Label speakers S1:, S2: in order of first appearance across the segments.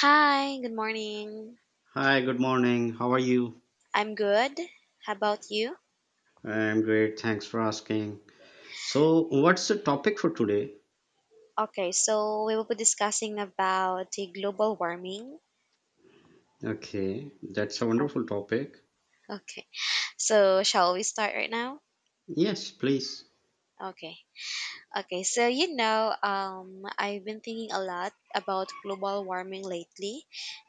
S1: Hi, good morning.
S2: Hi, good morning. How are you?
S1: I'm good. How about you?
S2: I'm great. Thanks for asking. So, what's the topic for today?
S1: Okay, so we will be discussing about the global warming.
S2: Okay, that's a wonderful topic.
S1: Okay, so shall we start right now?
S2: Yes, please.
S1: Okay. Okay, so you know, I've been thinking a lot about global warming lately,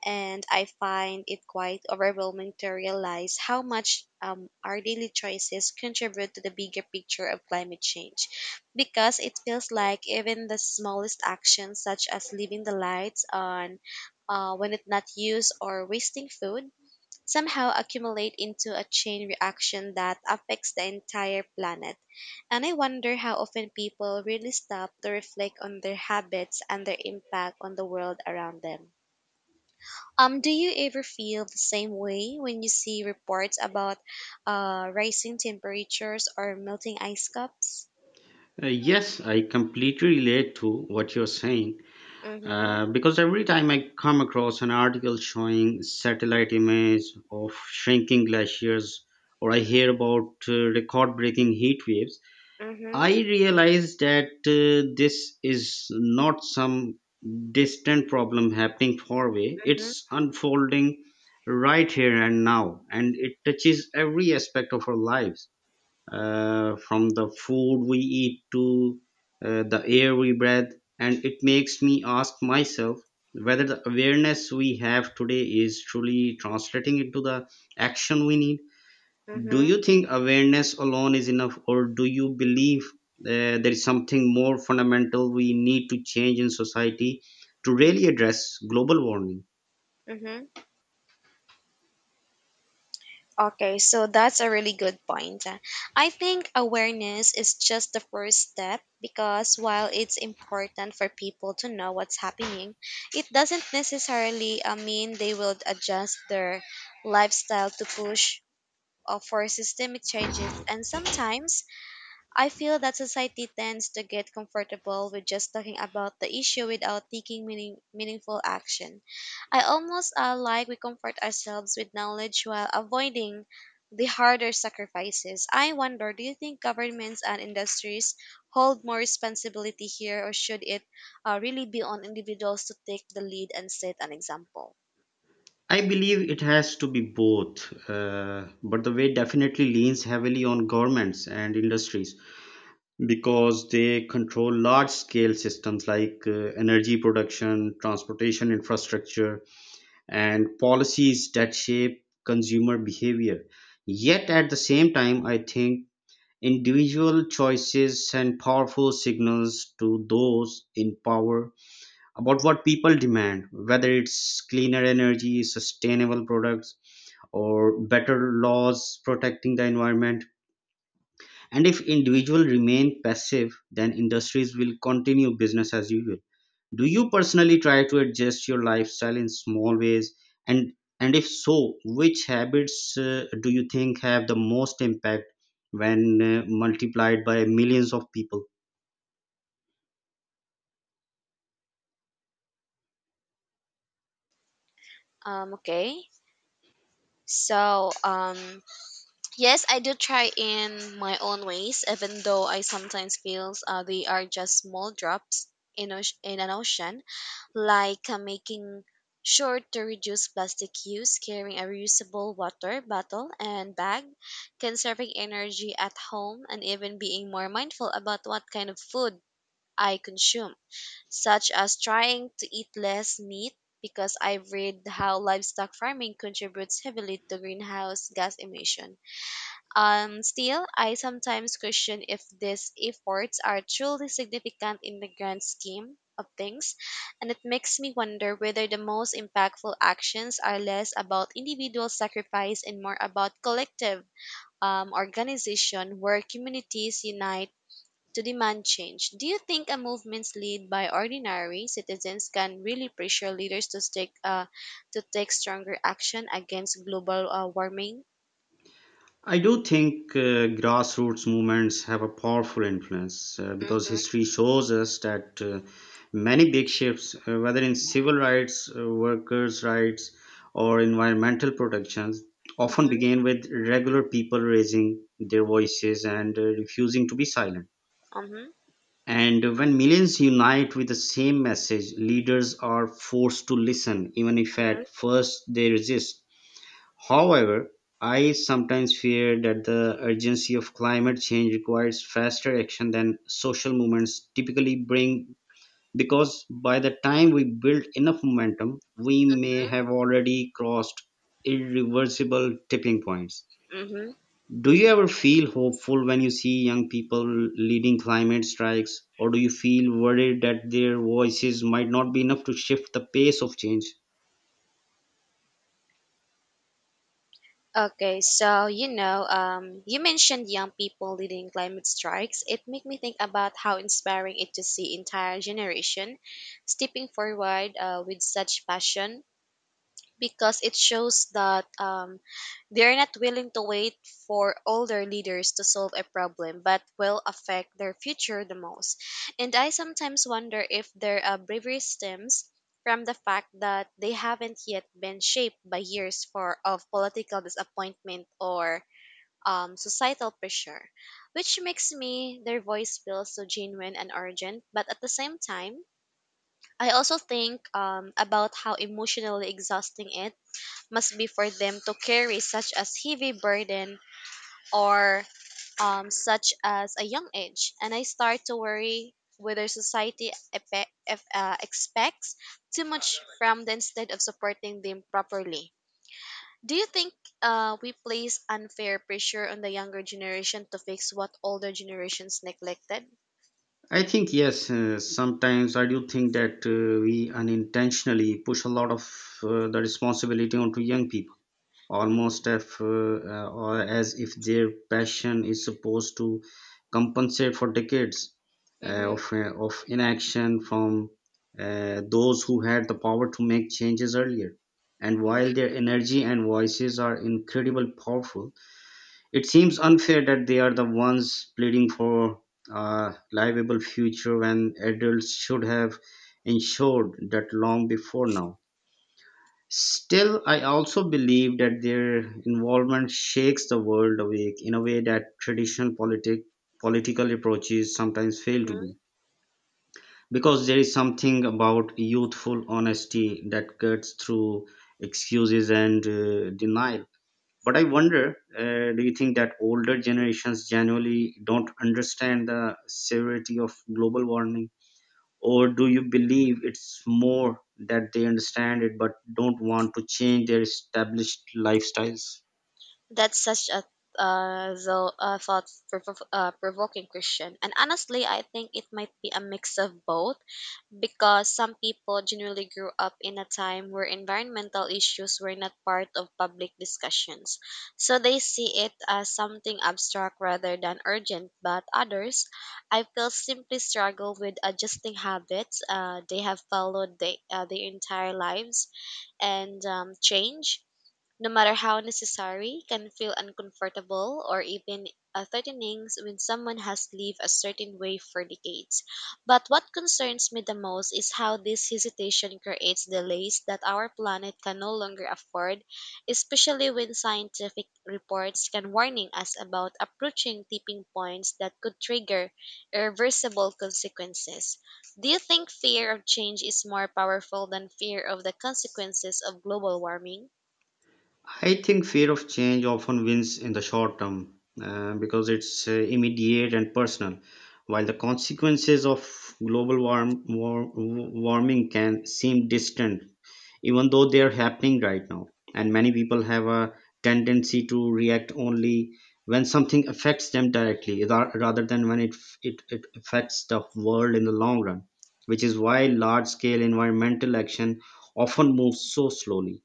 S1: and I find it quite overwhelming to realize how much our daily choices contribute to the bigger picture of climate change. Because it feels like even the smallest actions, such as leaving the lights on when it's not used or wasting food, somehow accumulate into a chain reaction that affects the entire planet. And I wonder how often people really stop to reflect on their habits and their impact on the world around them. Do you ever feel the same way when you see reports about rising temperatures or melting ice caps?
S2: Yes, I completely relate to what you're saying
S1: Mm-hmm.
S2: because every time I come across an article showing satellite image of shrinking glaciers or I hear about record-breaking heat waves,
S1: Mm-hmm.
S2: I realized that this is not some distant problem happening far away.
S1: Mm-hmm.
S2: It's unfolding right here and now, and it touches every aspect of our lives, from the food we eat to the air we breathe. And it makes me ask myself whether the awareness we have today is truly translating into the action we need. Do
S1: Mm-hmm.
S2: you think awareness alone is enough, or do you believe there is something more fundamental we need to change in society to really address global warming?
S1: Mm-hmm. Okay, so that's a really good point. I think awareness is just the first step because while it's important for people to know what's happening, it doesn't necessarily mean they will adjust their lifestyle to push for systemic changes. And sometimes I feel that society tends to get comfortable with just talking about the issue without taking meaningful action. I almost like we comfort ourselves with knowledge while avoiding the harder sacrifices. I wonder, do you think governments and industries hold more responsibility here, or should it really be on individuals to take the lead and set an example?
S2: I believe it has to be both, but the way definitely leans heavily on governments and industries because they control large scale systems like energy production, transportation infrastructure, and policies that shape consumer behavior. Yet at the same time, I think individual choices send powerful signals to those in power about what people demand, whether it's cleaner energy, sustainable products, or better laws protecting the environment. And if individuals remain passive, then industries will continue business as usual. Do you personally try to adjust your lifestyle in small ways? And if so, which habits do you think have the most impact when multiplied by millions of people?
S1: Okay, so. Yes, I do try in my own ways, even though I sometimes feel they are just small drops in, in an ocean, like making sure to reduce plastic use, carrying a reusable water bottle and bag, conserving energy at home, and even being more mindful about what kind of food I consume, such as trying to eat less meat. Because I've read how livestock farming contributes heavily to greenhouse gas emission, still, I sometimes question if these efforts are truly significant in the grand scheme of things, and it makes me wonder whether the most impactful actions are less about individual sacrifice and more about collective organization where communities unite to demand change. Do you think a movements led by ordinary citizens can really pressure leaders to take stronger action against global warming?
S2: I do think grassroots movements have a powerful influence because history shows us that many big shifts, whether in civil rights, workers' rights, or environmental protections, often
S1: Mm-hmm.
S2: begin with regular people raising their voices and refusing to be silent.
S1: Mm-hmm.
S2: And when millions unite with the same message, leaders are forced to listen, even if at first they resist. However, I sometimes fear that the urgency of climate change requires faster action than social movements typically bring because by the time we build enough momentum, we may have already crossed irreversible tipping points.
S1: Mm-hmm.
S2: Do you ever feel hopeful when you see young people leading climate strikes, or do you feel worried that their voices might not be enough to shift the pace of change?
S1: Okay, so you know, you mentioned young people leading climate strikes. It made me think about how inspiring it to see entire generation stepping forward with such passion. Because it shows that they're not willing to wait for older leaders to solve a problem but will affect their future the most. And I sometimes wonder if their bravery stems from the fact that they haven't yet been shaped by years for of political disappointment or societal pressure, which makes me their voice feel so genuine and urgent. But at the same time, I also think about how emotionally exhausting it must be for them to carry such as heavy burden or such as a young age, and I start to worry whether society expects too much from them instead of supporting them properly. Do you think we place unfair pressure on the younger generation to fix what older generations neglected?
S2: I think yes. Sometimes I do think that we unintentionally push a lot of the responsibility onto young people, almost
S1: Mm-hmm.
S2: if, or as if their passion is supposed to compensate for decades
S1: Mm-hmm.
S2: of inaction from those who had the power to make changes earlier. And while
S1: Mm-hmm.
S2: their energy and voices are incredibly powerful, it seems unfair that they are the ones pleading for a livable future when adults should have ensured that long before now. Still, I also believe that their involvement shakes the world awake in a way that traditional political approaches sometimes fail to do. Because there is something about youthful honesty that cuts through excuses and denial, but I wonder, do you think that older generations generally don't understand the severity of global warming, or do you believe it's more that they understand it but don't want to change their established lifestyles?
S1: That's such a provoking question. And honestly, I think it might be a mix of both because some people generally grew up in a time where environmental issues were not part of public discussions. So they see it as something abstract rather than urgent. But others, I feel, simply struggle with adjusting habits they have followed their entire lives and change, no matter how necessary, can feel uncomfortable or even threatening when someone has lived a certain way for decades. But what concerns me the most is how this hesitation creates delays that our planet can no longer afford, especially when scientific reports can warning us about approaching tipping points that could trigger irreversible consequences. Do you think fear of change is more powerful than fear of the consequences of global warming?
S2: I think fear of change often wins in the short term because it's immediate and personal, while the consequences of warming can seem distant, even though they are happening right now. And many
S1: Mhm.
S2: people have a tendency to react only when something affects them directly rather than when it affects the world in the long run, which is why large scale environmental action often moves so slowly,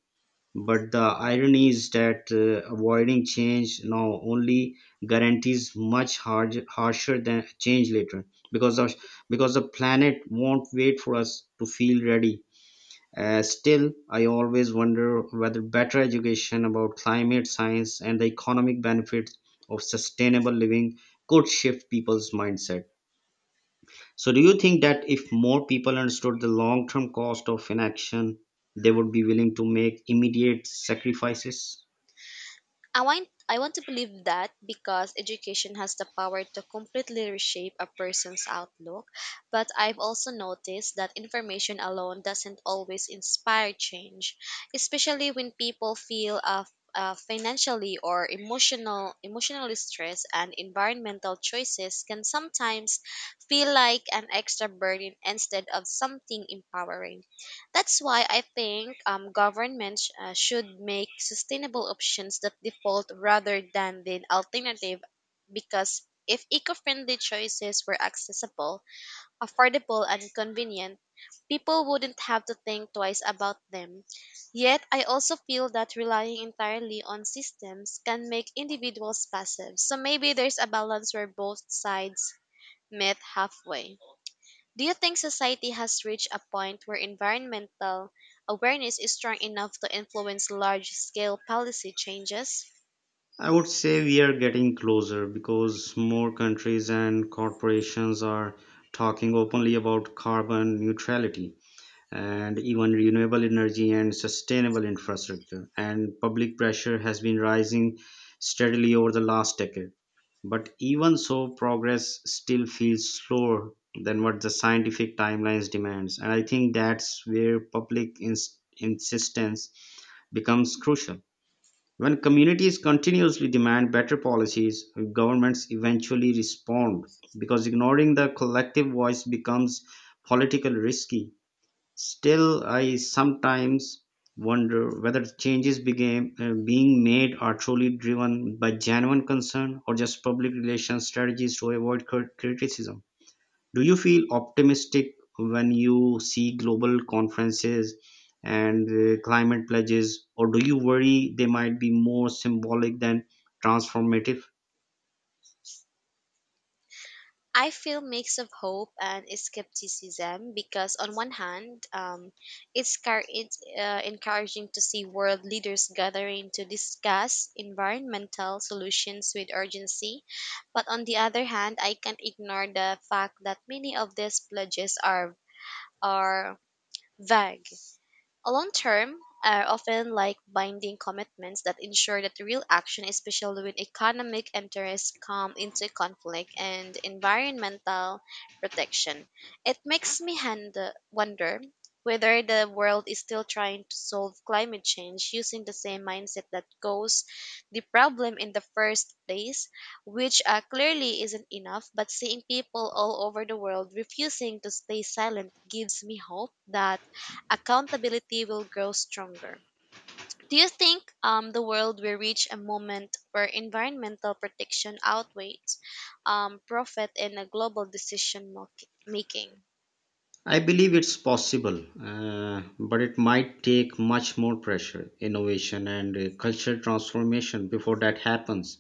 S2: but the irony is that avoiding change now only guarantees much harsher than change later because of, because the planet won't wait for us to feel ready. Still, I always wonder whether better education about climate science and the economic benefits of sustainable living could shift people's mindset. So, do you think that if more people understood the long term cost of inaction, they would be willing to make immediate sacrifices?
S1: I want to believe that because education has the power to completely reshape a person's outlook, but I've also noticed that information alone doesn't always inspire change, especially when people feel financially or emotionally stressed, and environmental choices can sometimes feel like an extra burden instead of something empowering. That's why I think governments should make sustainable options that default rather than the alternative, because if eco-friendly choices were accessible, affordable and convenient, people wouldn't have to think twice about them. Yet I also feel that relying entirely on systems can make individuals passive. So maybe there's a balance where both sides meet halfway. Do you think society has reached a point where environmental awareness is strong enough to influence large scale policy changes?
S2: I would say we are getting closer because more countries and corporations are talking openly about carbon neutrality and even renewable energy and sustainable infrastructure. And public pressure has been rising steadily over the last decade. But even so, progress still feels slower than what the scientific timelines demands. And I think that's where public insistence becomes crucial when communities continuously demand better policies, governments eventually respond because ignoring the collective voice becomes politically risky. Still, I sometimes wonder whether changes begin, being made are truly driven by genuine concern or just public relations strategies to avoid criticism. Do you feel optimistic when you see global conferences and climate pledges, or do you worry they might be more symbolic than transformative?
S1: I feel mix of hope and skepticism, because on one hand, it's, car- it's encouraging to see world leaders gathering to discuss environmental solutions with urgency, but on the other hand, I can't ignore the fact that many of these pledges are vague. Long term are often like binding commitments that ensure that real action, especially when economic interests come into conflict and environmental protection. It makes me wonder whether the world is still trying to solve climate change using the same mindset that caused the problem in the first place, which clearly isn't enough. But seeing people all over the world refusing to stay silent gives me hope that accountability will grow stronger. Do you think the world will reach a moment where environmental protection outweighs profit in a global decision making?
S2: I believe it's possible, but it might take much more pressure, innovation, and cultural transformation before that happens.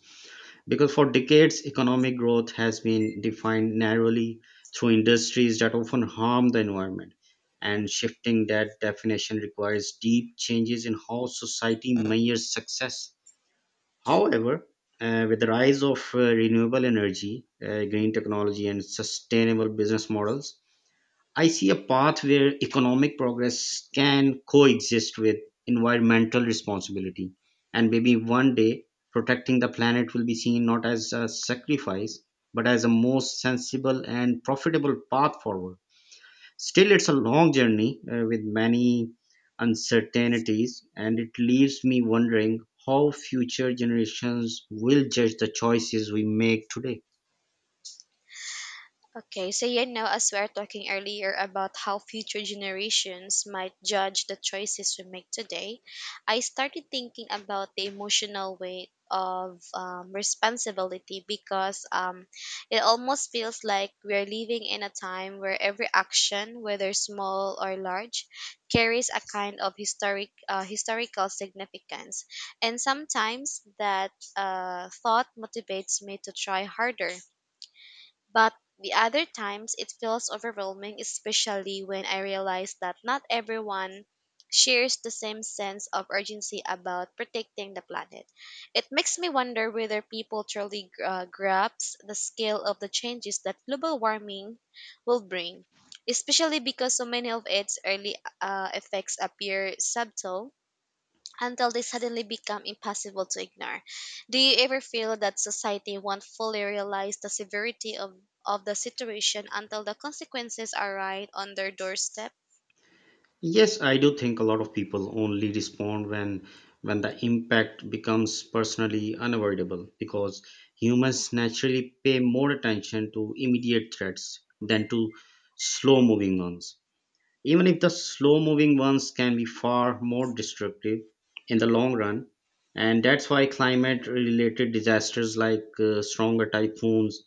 S2: Because for decades, economic growth has been defined narrowly through industries that often harm the environment. And shifting that definition requires deep changes in how society measures success. However, with the rise of renewable energy, green technology, and sustainable business models, I see a path where economic progress can coexist with environmental responsibility. And maybe one day, protecting the planet will be seen not as a sacrifice, but as a most sensible and profitable path forward. Still, it's a long journey with many uncertainties, and it leaves me wondering how future generations will judge the choices we make today.
S1: Okay, so you know, as we are talking earlier about how future generations might judge the choices we make today, I started thinking about the emotional weight of responsibility, because it almost feels like we're living in a time where every action, whether small or large, carries a kind of historical significance, and sometimes that thought motivates me to try harder, but the other times it feels overwhelming, especially when I realize that not everyone shares the same sense of urgency about protecting the planet. It makes me wonder whether people truly grasp the scale of the changes that global warming will bring, especially because so many of its early effects appear subtle until they suddenly become impossible to ignore. Do you ever feel that society won't fully realize the severity of the situation until the consequences are right on their doorstep?
S2: Yes, I do think a lot of people only respond when the impact becomes personally unavoidable because humans naturally pay more attention to immediate threats than to slow moving ones. Even if the slow moving ones can be far more destructive in the
S1: Mhm.
S2: long run, and that's why climate related disasters like stronger typhoons,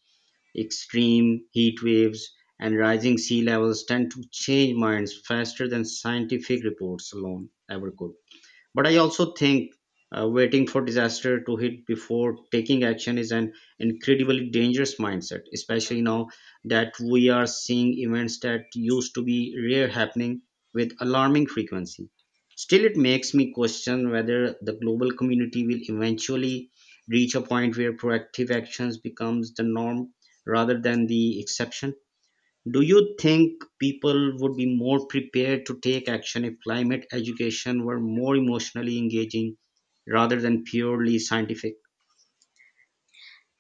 S2: extreme heat waves, and rising sea levels tend to change minds faster than scientific reports alone ever could. But I also think waiting for disaster to hit before taking action is an incredibly dangerous mindset, especially now that we are seeing events that used to be rare happening with alarming frequency. Still, it makes me question whether the global community will eventually reach a point where proactive actions becomes the norm rather than the exception. Do you think people would be more prepared to take action if climate education were more emotionally engaging rather than purely scientific?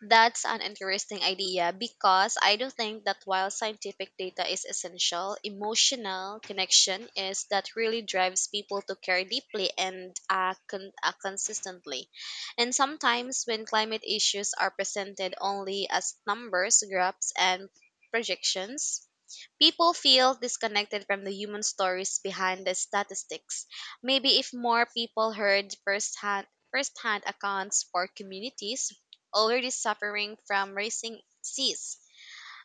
S1: That's an interesting idea because I do think that while scientific data is essential, emotional connection is that really drives people to care deeply and consistently. And sometimes when climate issues are presented only as numbers, graphs, and projections, people feel disconnected from the human stories behind the statistics. Maybe if more people heard firsthand accounts for communities already suffering from rising seas,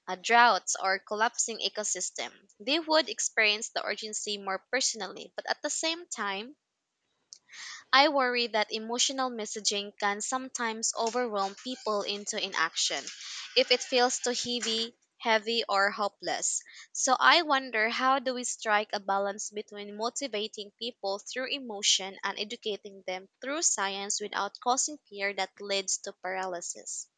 S1: droughts, or collapsing ecosystem, they would experience the urgency more personally. But at the same time, I worry that emotional messaging can sometimes overwhelm people into inaction if it feels too heavy or hopeless. So I wonder, how do we strike a balance between motivating people through emotion and educating them through science without causing fear that leads to paralysis?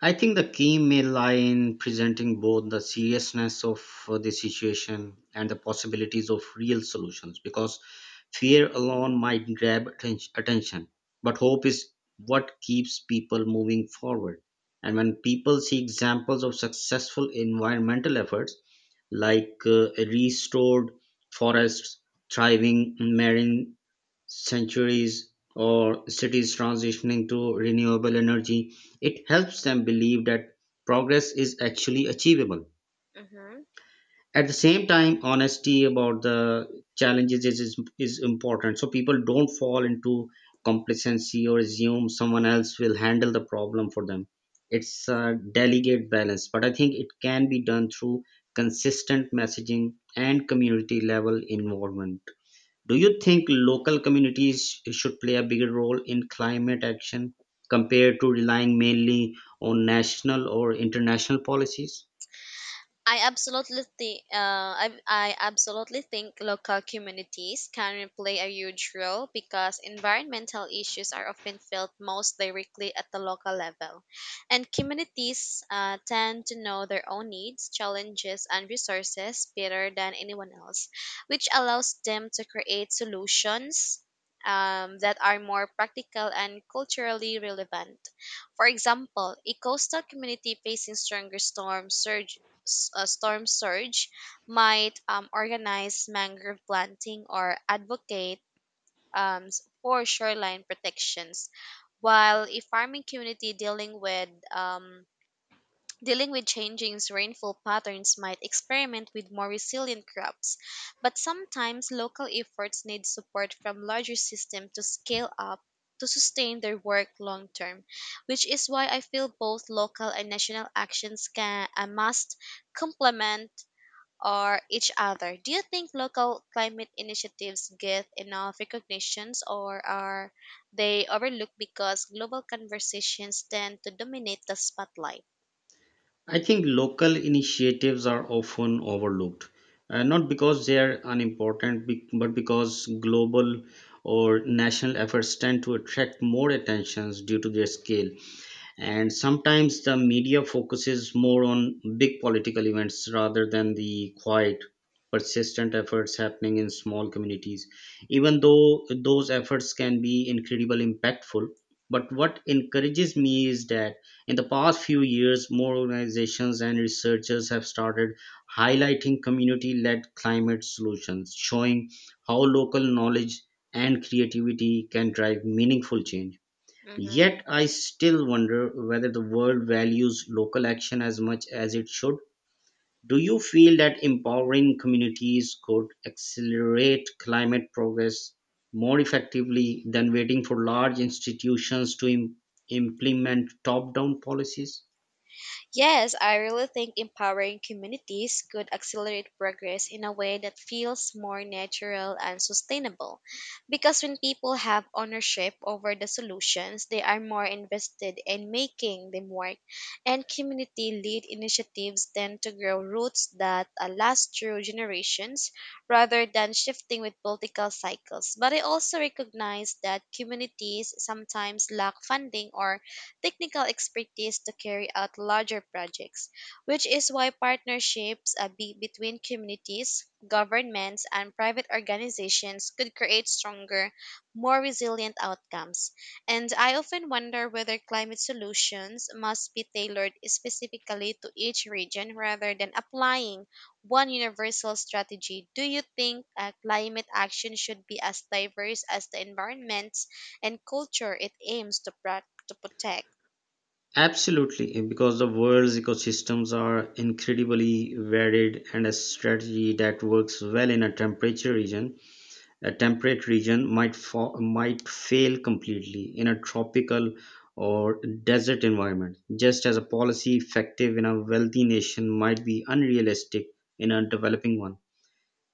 S2: I think the key may lie in presenting both the seriousness of the situation and the possibilities of real solutions because fear alone might grab attention, but hope is what keeps people moving forward. And when people see examples of successful environmental efforts like restored forests, thriving marine centuries or cities transitioning to renewable energy, it helps them believe that progress is actually achievable.
S1: Mhm.
S2: At the same time, honesty about the challenges is important so people don't fall into complacency or assume someone else will handle the problem for them. It's a delicate balance, but I think it can be done through consistent messaging and community level involvement. Do you think local communities should play a bigger role in climate action compared to relying mainly on national or international policies?
S1: I absolutely think local communities can play a huge role because environmental issues are often felt most directly at the local level, and communities tend to know their own needs, challenges, and resources better than anyone else, which allows them to create solutions that are more practical and culturally relevant. For example, a coastal community facing stronger storm surge s- a storm surge might organize mangrove planting or advocate for shoreline protections. While a farming community um, dealing with changing rainfall patterns might experiment with more resilient crops, but sometimes local efforts need support from larger systems to scale up to sustain their work long term, which is why I feel both local and national actions can and must complement or each other. Do you think local climate initiatives get enough recognitions or are they overlooked because global conversations tend to dominate the spotlight?
S2: I think local initiatives are often overlooked, not because they are unimportant, but because global or national efforts tend to attract more attentions due to their scale. And sometimes the media focuses more on big political events rather than the quiet persistent efforts happening in small communities, even though those efforts can be incredibly impactful. But what encourages me is that in the past few years more organizations and researchers have started highlighting community led climate solutions, showing how local knowledge and creativity can drive meaningful change.
S1: Mm-hmm.
S2: Yet I still wonder whether the world values local action as much as it should. Do you feel that empowering communities could accelerate climate progress more effectively than waiting for large institutions to implement top down policies?
S1: Yes, I really think empowering communities could accelerate progress in a way that feels more natural and sustainable. Because when people have ownership over the solutions, they are more invested in making them work. And community led initiatives tend to grow roots that last through generations rather than shifting with political cycles. But I also recognize that communities sometimes lack funding or technical expertise to carry out larger projects, which is why partnerships between communities, governments, and private organizations could create stronger, more resilient outcomes. And I often wonder whether climate solutions must be tailored specifically to each region rather than applying one universal strategy. Do you think climate action should be as diverse as the environment and culture it aims to protect?
S2: Absolutely, because the world's ecosystems are incredibly varied, and a strategy that works well in a temperate region might might fail completely in a tropical or desert environment, just as a policy effective in a wealthy nation might be unrealistic in a developing one.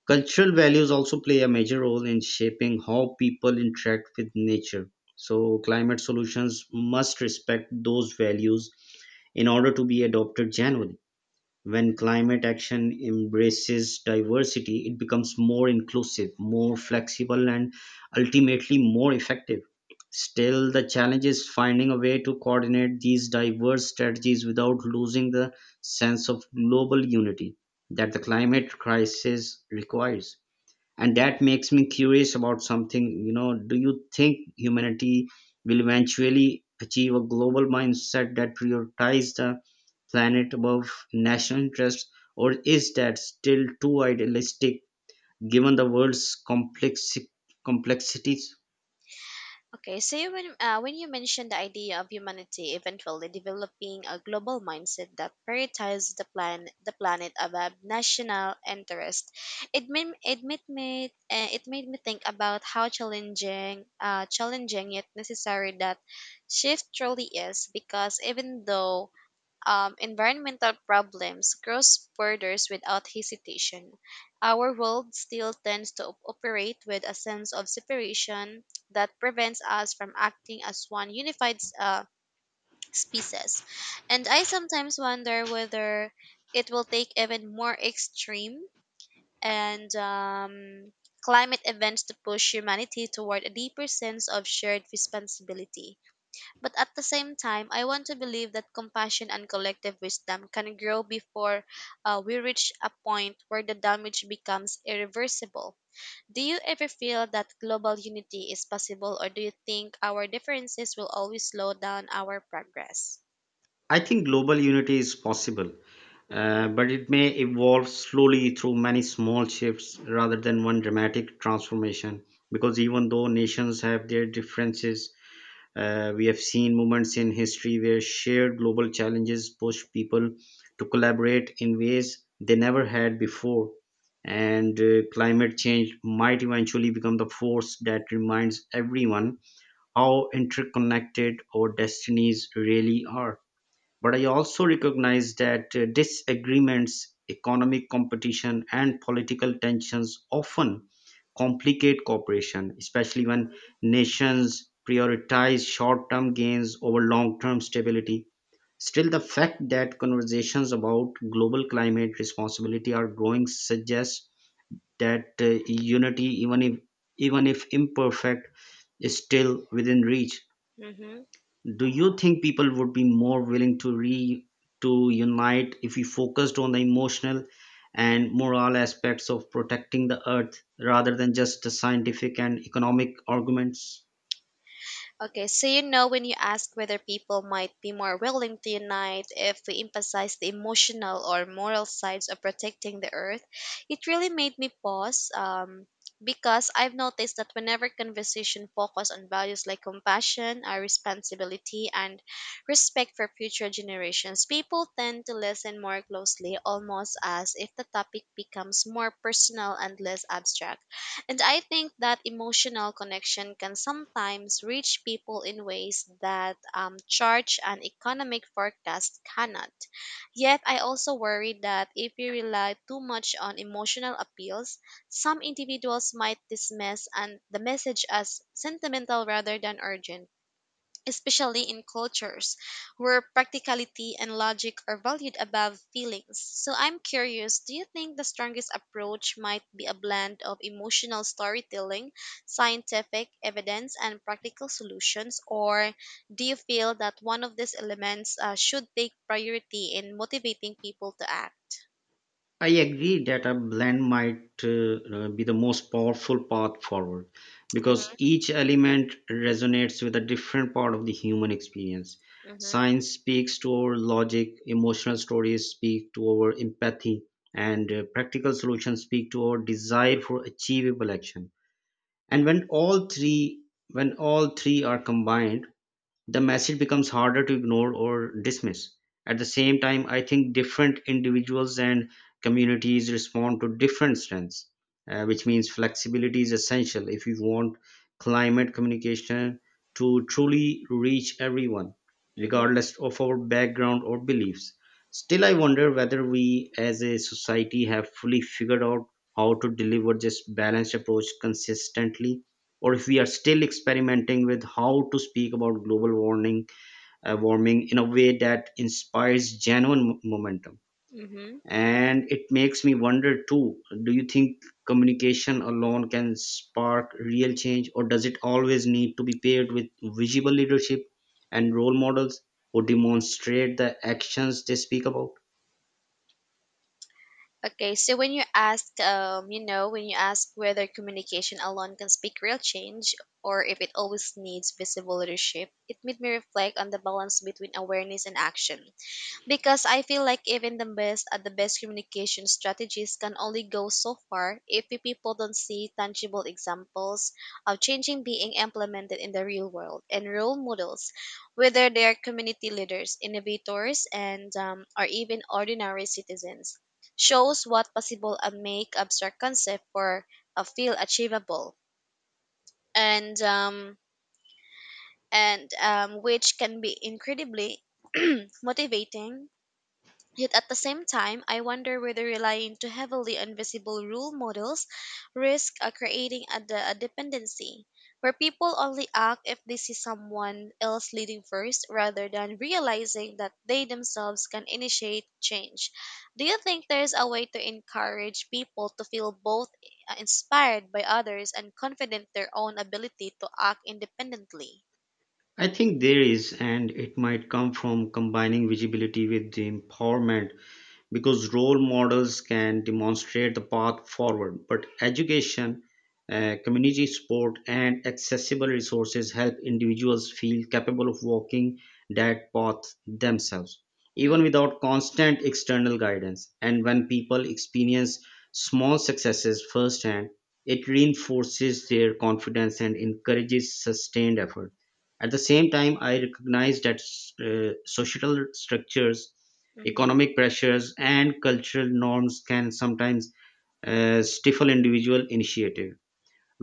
S2: Cultural values also play a major role in shaping how people interact with nature. So, climate solutions must respect those values in order to be adopted genuinely. When climate action embraces diversity, it becomes more inclusive, more flexible, and ultimately more effective. Still, the challenge is finding a way to coordinate these diverse strategies without losing the sense of global unity that the climate crisis requires. And that makes me curious about something. You know, do you think humanity will eventually achieve a global mindset that prioritizes the planet above national interests, or is that still too idealistic given the world's complex complexities?
S1: When you mentioned the idea of humanity eventually developing a global mindset that prioritizes the planet above national interest, it made me think about how challenging challenging yet necessary that shift truly is. Because even though environmental problems cross borders without hesitation. Our world still tends to operate with a sense of separation that prevents us from acting as one unified species. And I sometimes wonder whether it will take even more extreme and climate events to push humanity toward a deeper sense of shared responsibility. But at the same time, I want to believe that compassion and collective wisdom can grow before we reach a point where the damage becomes irreversible. Do you ever feel that global unity is possible, or do you think our differences will always slow down our progress?
S2: I think global unity is possible,
S1: Mm-hmm.
S2: but it may evolve slowly through many small shifts rather than one dramatic transformation because even though nations have their differences, we have seen moments in history where shared global challenges push people to collaborate in ways they never had before. And climate change might eventually become the force that reminds everyone how interconnected our destinies really are. But I also recognize that disagreements, economic competition, and political tensions often complicate cooperation, especially when nations prioritize short term gains over long term stability. Still, the fact that conversations about global climate responsibility are growing suggests that unity, even if imperfect, is still within reach.
S1: Mm-hmm.
S2: Do you think people would be more willing to re to unite if we focused on the emotional and moral aspects of protecting the earth rather than just the scientific and economic arguments?
S1: When you ask whether people might be more willing to unite if we emphasize the emotional or moral sides of protecting the earth, it really made me pause. Because I've noticed that whenever conversation focus on values like compassion, our responsibility, and respect for future generations, people tend to listen more closely, almost as if the topic becomes more personal and less abstract. And I think that emotional connection can sometimes reach people in ways that charge and economic forecast cannot. Yet, I also worry that if we rely too much on emotional appeals, some individuals might dismiss and the message as sentimental rather than urgent, especially in cultures where practicality and logic are valued above feelings. So I'm curious, do you think the strongest approach might be a blend of emotional storytelling, scientific evidence, and practical solutions? Or do you feel that one of these elements should take priority in motivating people to act?
S2: I agree that a blend might be the most powerful path forward because
S1: Hmm.
S2: each element resonates with a different part of the human experience.
S1: Hmm.
S2: Science speaks to our logic, emotional stories speak to our empathy, and practical solutions speak to our desire for achievable action. And when all three are combined, the message becomes harder to ignore or dismiss. At the same time, I think different individuals and communities respond to different strengths, which means flexibility is essential if you want climate communication to truly reach everyone,
S1: Hmm.
S2: regardless of our background or beliefs. Still, I wonder whether we as a society have fully figured out how to deliver this balanced approach consistently or if we are still experimenting with how to speak about warming in a way that inspires genuine momentum.
S1: Hmm.
S2: And it makes me wonder too, do you think communication alone can spark real change, or does it always need to be paired with visible leadership and role models who demonstrate the actions they speak about?
S1: When you ask, when you ask whether communication alone can speak real change or if it always needs visible leadership, it made me reflect on the balance between awareness and action, because I feel like even the best communication strategies can only go so far if the people don't see tangible examples of changing being implemented in the real world. And role models, whether they are community leaders, innovators, and or even ordinary citizens, shows what possible and make abstract concept for a feel achievable and um, and which can be incredibly motivating. Yet at the same time, I wonder whether relying too heavily on visible rule models risks creating a dependency where people only act if they see someone else leading first rather than realizing that they themselves can initiate change. Do you think there is a way to encourage people to feel both inspired by others and confident their own ability to act independently?
S2: I think there is, and it might come from combining visibility with the empowerment because role models can demonstrate the path forward, but education, community support and accessible resources help individuals feel capable of walking that path themselves
S1: Mm-hmm,
S2: even without constant external guidance. And when people experience small successes firsthand, it reinforces their confidence and encourages sustained effort. At the same time, I recognize that societal structures, economic pressures and cultural norms can sometimes stifle individual initiative,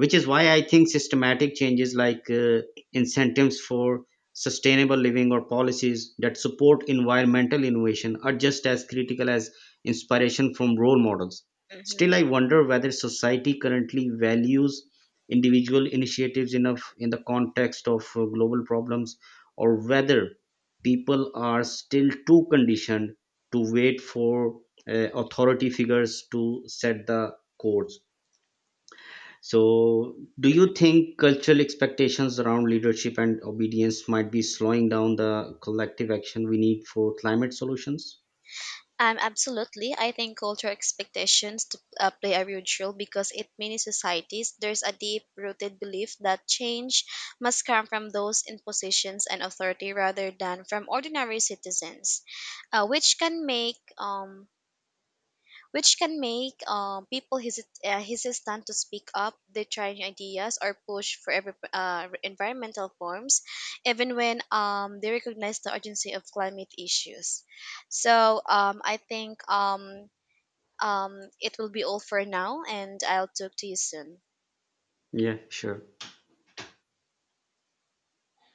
S2: which is why I think systematic changes like incentives for sustainable living or policies that support environmental innovation are just as critical as inspiration from role models. Still,
S1: mm-hmm.
S2: I wonder whether society currently values individual initiatives enough in the context of global problems, or whether people are still too conditioned to wait for authority figures to set the course. So, do you think cultural expectations around leadership and obedience might be slowing down the collective action we need for climate solutions?
S1: Absolutely. I think cultural expectations to, play a huge role because in many societies, there's a deep rooted belief that change must come from those in positions and authority rather than from ordinary citizens, which can make people hesitant to speak up. They try new ideas or push for every, environmental forms, even when they recognize the urgency of climate issues. So I think it will be all for now, and I'll talk to you soon.
S2: Yeah, sure.